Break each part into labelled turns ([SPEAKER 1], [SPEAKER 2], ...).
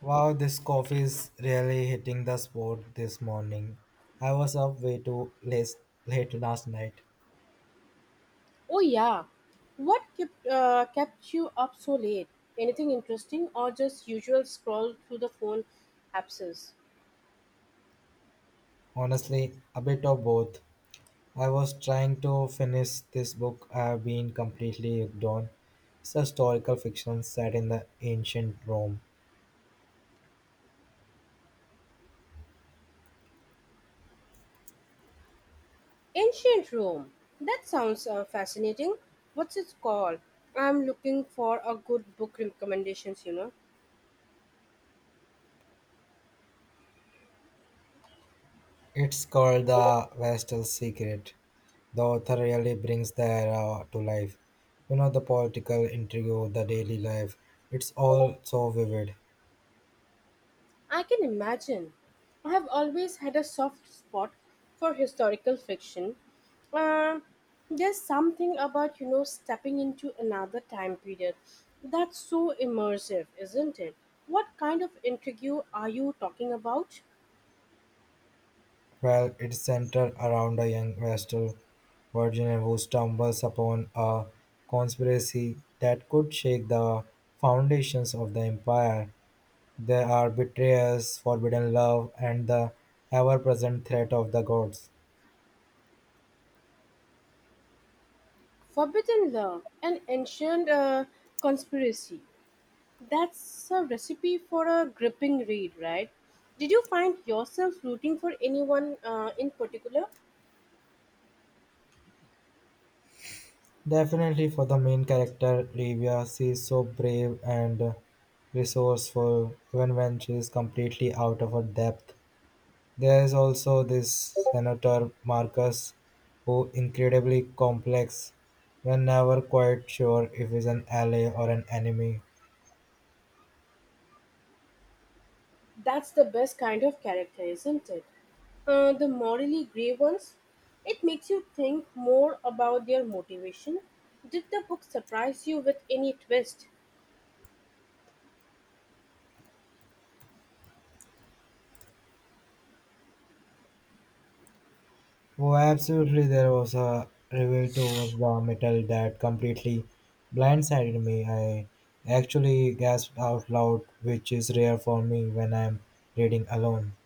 [SPEAKER 1] Wow, this coffee is really hitting the spot this morning. I was up way too late, late last night.
[SPEAKER 2] Oh, yeah. What kept kept you up so late? Anything interesting or just usual scroll through the phone apps?
[SPEAKER 1] Honestly, a bit of both. I was trying to finish this book I have been completely hooked on. It's a historical fiction set in the ancient Rome.
[SPEAKER 2] Ancient Rome. That sounds fascinating. What's it called? I'm looking for a good book recommendations.
[SPEAKER 1] It's called The Vestal Secret. The author really brings the era to life. You know, the political intrigue, the daily life. It's all so vivid.
[SPEAKER 2] I can imagine. I have always had a soft spot for historical fiction. Uh, there's something about, you know, stepping into another time period that's so immersive, isn't it? What kind of intrigue are you talking about?
[SPEAKER 1] Well, it's centered around a young Western Virginian who stumbles upon a conspiracy that could shake the foundations of the empire. There are betrayals, forbidden love, and the ever present threat of the gods.
[SPEAKER 2] Forbidden love, an ancient conspiracy. That's a recipe for a gripping read, right? Did you find yourself rooting for anyone in particular?
[SPEAKER 1] Definitely for the main character, Livia, she is so brave and resourceful even when she is completely out of her depth. There is also this Senator Marcus, who incredibly complex. We're never quite sure if he's an ally or an enemy.
[SPEAKER 2] That's the best kind of character, isn't it? The morally grey ones. It makes you think more about their motivation. Did the book surprise you with any twist?
[SPEAKER 1] Oh, absolutely, there was a reveal towards the metal that completely blindsided me. I actually gasped out loud, which is rare for me when I'm reading alone.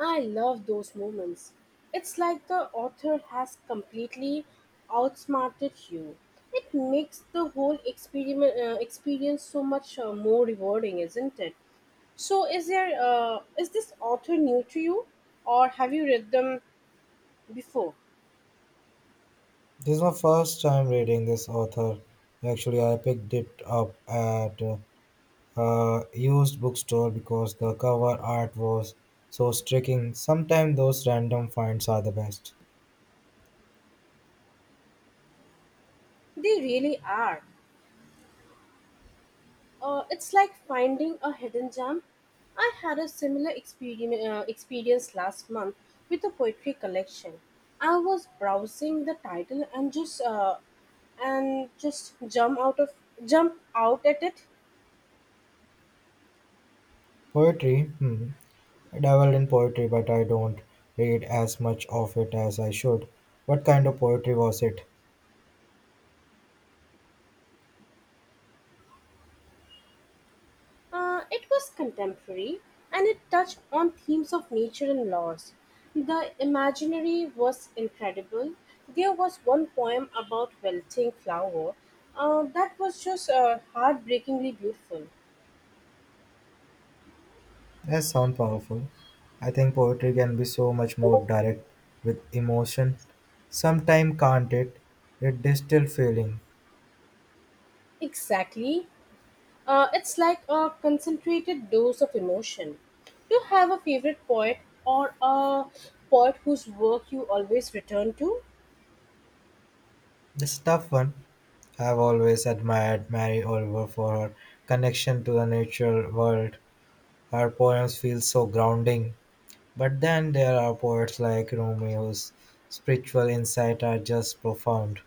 [SPEAKER 2] I love those moments. It's like the author has completely outsmarted you. It makes the whole experience so much more rewarding, isn't it? So, is this author new to you, or have you read them before?
[SPEAKER 1] This is my first time reading this author. Actually, I picked it up at used bookstore because the cover art was so striking. Sometimes those random finds are the best.
[SPEAKER 2] They really are. It's like finding a hidden gem. I had a similar experience last month with a poetry collection. I was browsing the title and just jump out at it.
[SPEAKER 1] Poetry, hmm. I dabbled in poetry, but I don't read as much of it as I should. What kind of poetry was it?
[SPEAKER 2] It was contemporary and it touched on themes of nature and loss. The imaginary was incredible. There was one poem about wilting flower that was just heartbreakingly beautiful.
[SPEAKER 1] That sounds powerful. I think poetry can be so much more direct with emotion. Sometimes can't it? It distilled feeling.
[SPEAKER 2] Exactly. It's like a concentrated dose of emotion. Do you have a favorite poet or a poet whose work you always return to?
[SPEAKER 1] This tough one. I've always admired Mary Oliver for her connection to the natural world. Her poems feel so grounding. But then there are poets like Rumi whose spiritual insight are just profound.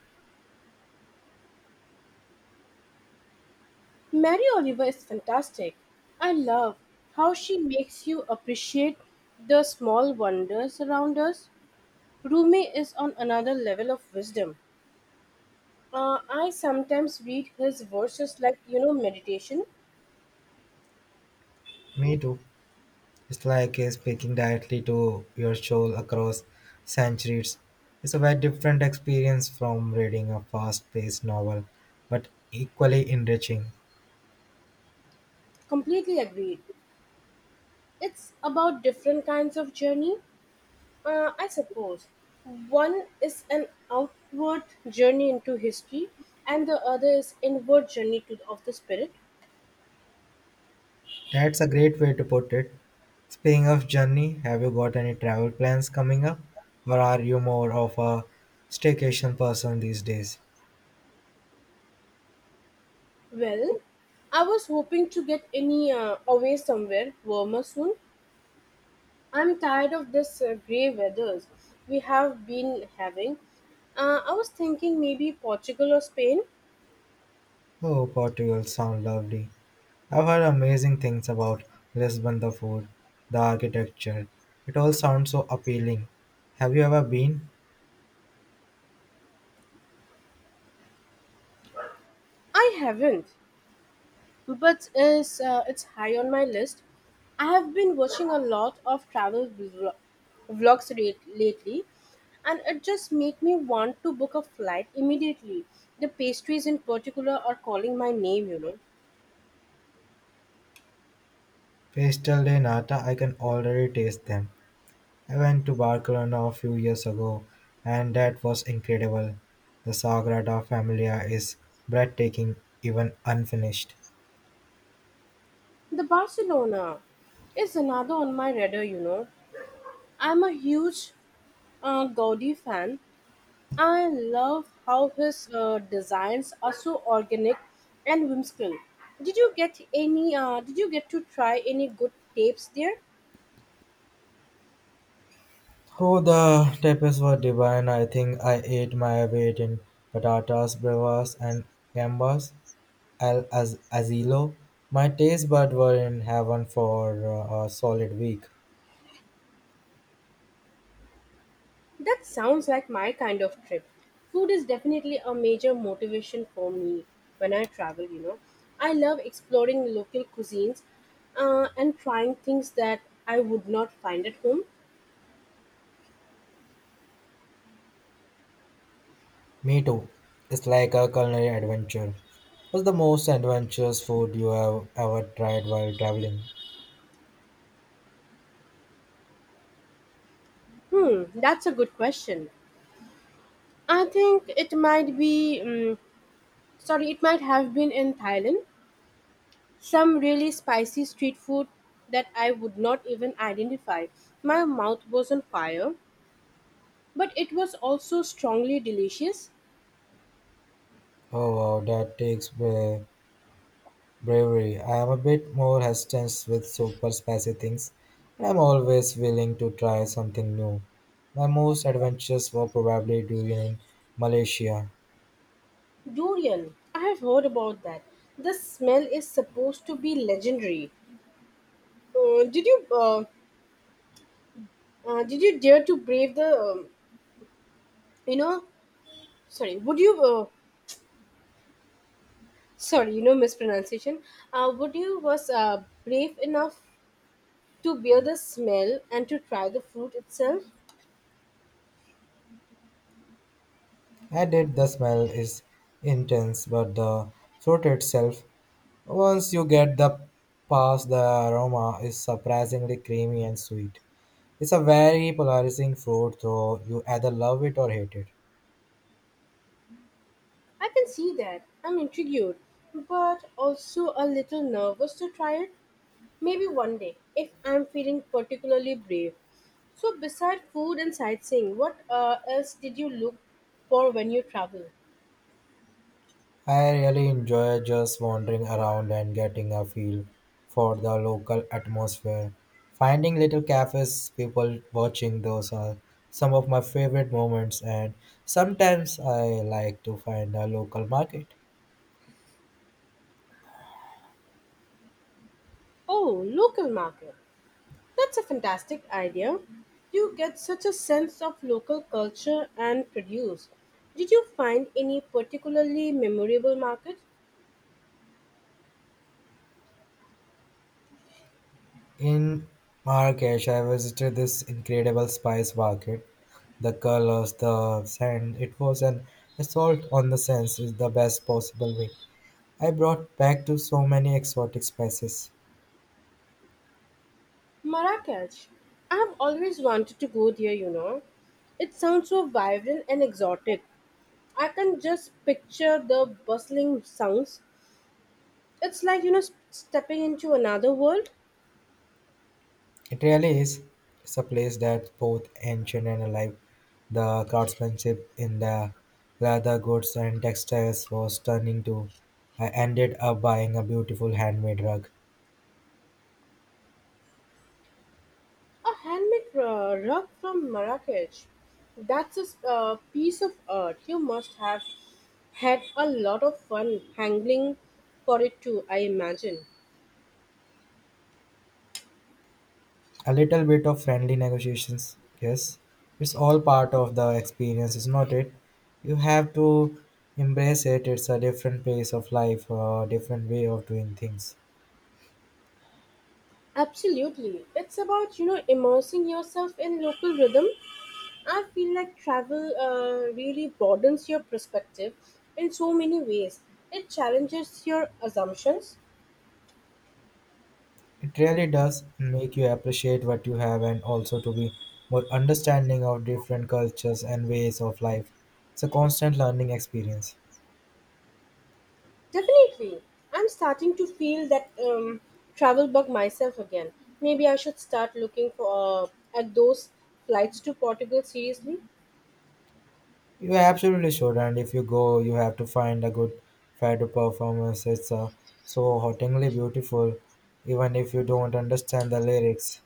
[SPEAKER 2] Mary Oliver is fantastic. I love how she makes you appreciate the small wonders around us. Rumi is on another level of wisdom. I sometimes read his verses like, you know, meditation.
[SPEAKER 1] Me too. It's like speaking directly to your soul across centuries. It's a very different experience from reading a fast paced novel, but equally enriching.
[SPEAKER 2] Completely agreed. It's about different kinds of journey, I suppose. One is an outward journey into history, and the other is inward journey to, of the spirit.
[SPEAKER 1] That's a great way to put it. Speaking of journey, have you got any travel plans coming up? Or are you more of a staycation person these days?
[SPEAKER 2] Well, I was hoping to get any away somewhere warmer soon. I'm tired of this grey weathers we have been having. I was thinking maybe Portugal or Spain.
[SPEAKER 1] Oh, Portugal sounds lovely. I've heard amazing things about Lisbon, the food, the architecture. It all sounds so appealing. Have you ever been?
[SPEAKER 2] I haven't, but it's high on my list. I have been watching a lot of travel vlogs lately, and it just made me want to book a flight immediately. The pastries in particular are calling my name, you know.
[SPEAKER 1] Pastel de nata, I can already taste them. I went to Barcelona a few years ago and that was incredible. The Sagrada Familia is breathtaking, even unfinished.
[SPEAKER 2] The Barcelona is another on my radar, you know. I'm a huge Gaudi fan. I love how his designs are so organic and whimsical. Did you get any? Did you get to try any good tapes there?
[SPEAKER 1] Oh, the tapas were divine. I think I ate my weight in patatas, brevas, and gambas. Asilo. My taste buds were in heaven for a solid week.
[SPEAKER 2] That sounds like my kind of trip. Food is definitely a major motivation for me when I travel. You know, I love exploring local cuisines and trying things that I would not find at home.
[SPEAKER 1] Me too. It's like a culinary adventure. What's the most adventurous food you have ever tried while traveling?
[SPEAKER 2] Hmm, that's a good question. I think it might have been in Thailand. Some really spicy street food that I would not even identify. My mouth was on fire, but it was also strongly delicious.
[SPEAKER 1] Oh wow, that takes bravery. I am a bit more hesitant with super spicy things, but I'm always willing to try something new. My most adventures were probably during in Malaysia.
[SPEAKER 2] Durian. I have heard about that. The smell is supposed to be legendary. Uh, did you, uh, did you dare to brave the, you know, sorry, would you Sorry, you know mispronunciation. Would you was brave enough to bear the smell and to try the fruit itself?
[SPEAKER 1] Added the smell is intense but the fruit itself once you get the past the aroma is surprisingly creamy and sweet, it's a very polarizing fruit so you either love it or hate it.
[SPEAKER 2] I can see that. I'm intrigued, but also a little nervous to try it. Maybe one day, if I'm feeling particularly brave. So, beside food and sightseeing, what else did you look for when you travel?
[SPEAKER 1] I really enjoy just wandering around and getting a feel for the local atmosphere, finding little cafes, people watching. Those are some of my favorite moments, and sometimes I like to find a local market.
[SPEAKER 2] Oh, local market. That's a fantastic idea. You get such a sense of local culture and produce. Did you find any particularly memorable market?
[SPEAKER 1] In Marrakesh, I visited this incredible spice market. The colors, the scent, it was an assault on the senses the best possible way. I brought back to so many exotic spices.
[SPEAKER 2] Marrakech. I have always wanted to go there, you know. It sounds so vibrant and exotic. I can just picture the bustling sounds. It's like, you know, stepping into another world.
[SPEAKER 1] It really is. It's a place that's both ancient and alive. The craftsmanship in the leather goods and textiles was stunning too. I ended up buying a beautiful handmade rug.
[SPEAKER 2] A handmade rug from Marrakech. That's a piece of art. You must have had a lot of fun hankering for it too, I imagine.
[SPEAKER 1] A little bit of friendly negotiations, yes. It's all part of the experience, is not it? You have to embrace it. It's a different pace of life, a different way of doing things.
[SPEAKER 2] Absolutely. It's about, you know, immersing yourself in local rhythm. I feel like travel really broadens your perspective in so many ways. It challenges your assumptions.
[SPEAKER 1] It really does make you appreciate what you have and also to be more understanding of different cultures and ways of life. It's a constant learning experience.
[SPEAKER 2] Definitely. I'm starting to feel that travel bug myself again. Maybe I should start looking for uh, at those flights to Portugal seriously.
[SPEAKER 1] You absolutely should, and if you go, you have to find a good theater performance. It's so hauntingly beautiful, even if you don't understand the lyrics.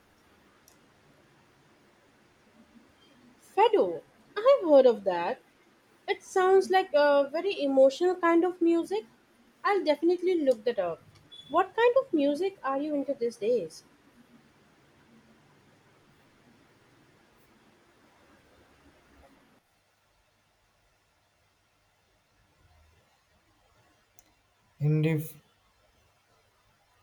[SPEAKER 2] Fado, I've heard of that. It sounds like a very emotional kind of music. I'll definitely look that up. What kind of music are you into these days?
[SPEAKER 1] And if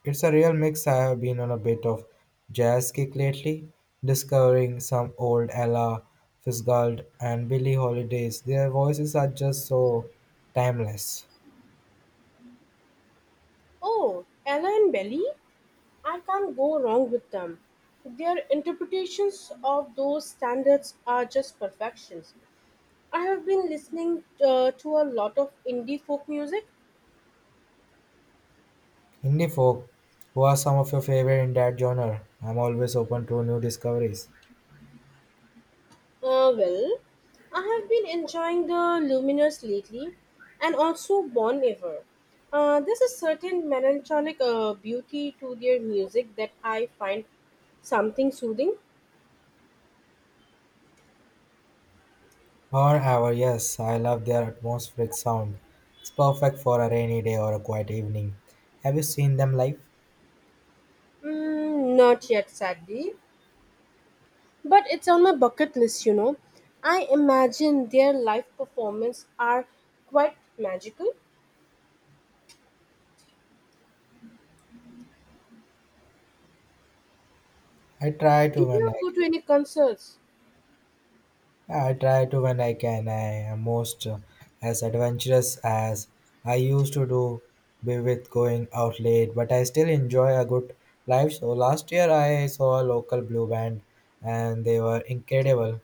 [SPEAKER 1] it's a real mix, I have been on a bit of jazz kick lately, discovering some old Ella Fitzgerald and Billie Holidays. Their voices are just so timeless.
[SPEAKER 2] Oh, Ella and Belly? I can't go wrong with them. Their interpretations of those standards are just perfection. I have been listening to a lot of indie folk music.
[SPEAKER 1] Indie folk, who are some of your favorite in that genre? I'm always open to new discoveries.
[SPEAKER 2] Well, I have been enjoying the Luminous lately and also Bon Iver. There's a certain melancholic beauty to their music that I find something soothing.
[SPEAKER 1] However, yes, I love their atmospheric sound. It's perfect for a rainy day or a quiet evening. Have you seen them live?
[SPEAKER 2] Mm, not yet, sadly, but it's on my bucket list, you know. I imagine their live performance are quite magical.
[SPEAKER 1] I try to
[SPEAKER 2] Did
[SPEAKER 1] when
[SPEAKER 2] you
[SPEAKER 1] I
[SPEAKER 2] go to any concerts?
[SPEAKER 1] Yeah, I try to when I can. I am most as adventurous as I used to do be with going out late, but I still enjoy a good live show. Last year I saw a local blue band and they were incredible.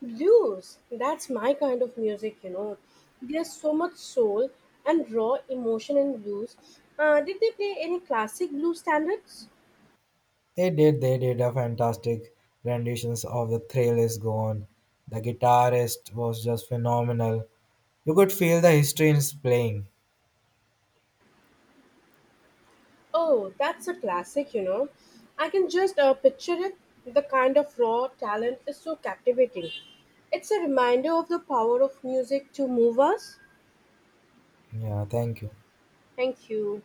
[SPEAKER 2] Blues, that's my kind of music, you know. There's so much soul and raw emotion in blues. Did they play any classic blues standards?
[SPEAKER 1] They did a fantastic renditions of "The Thrill Is Gone." The guitarist was just phenomenal. You could feel the history in his playing.
[SPEAKER 2] Oh, that's a classic, you know. I can just picture it. The kind of raw talent is so captivating. It's a reminder of the power of music to move us.
[SPEAKER 1] Yeah, thank you.
[SPEAKER 2] Thank you.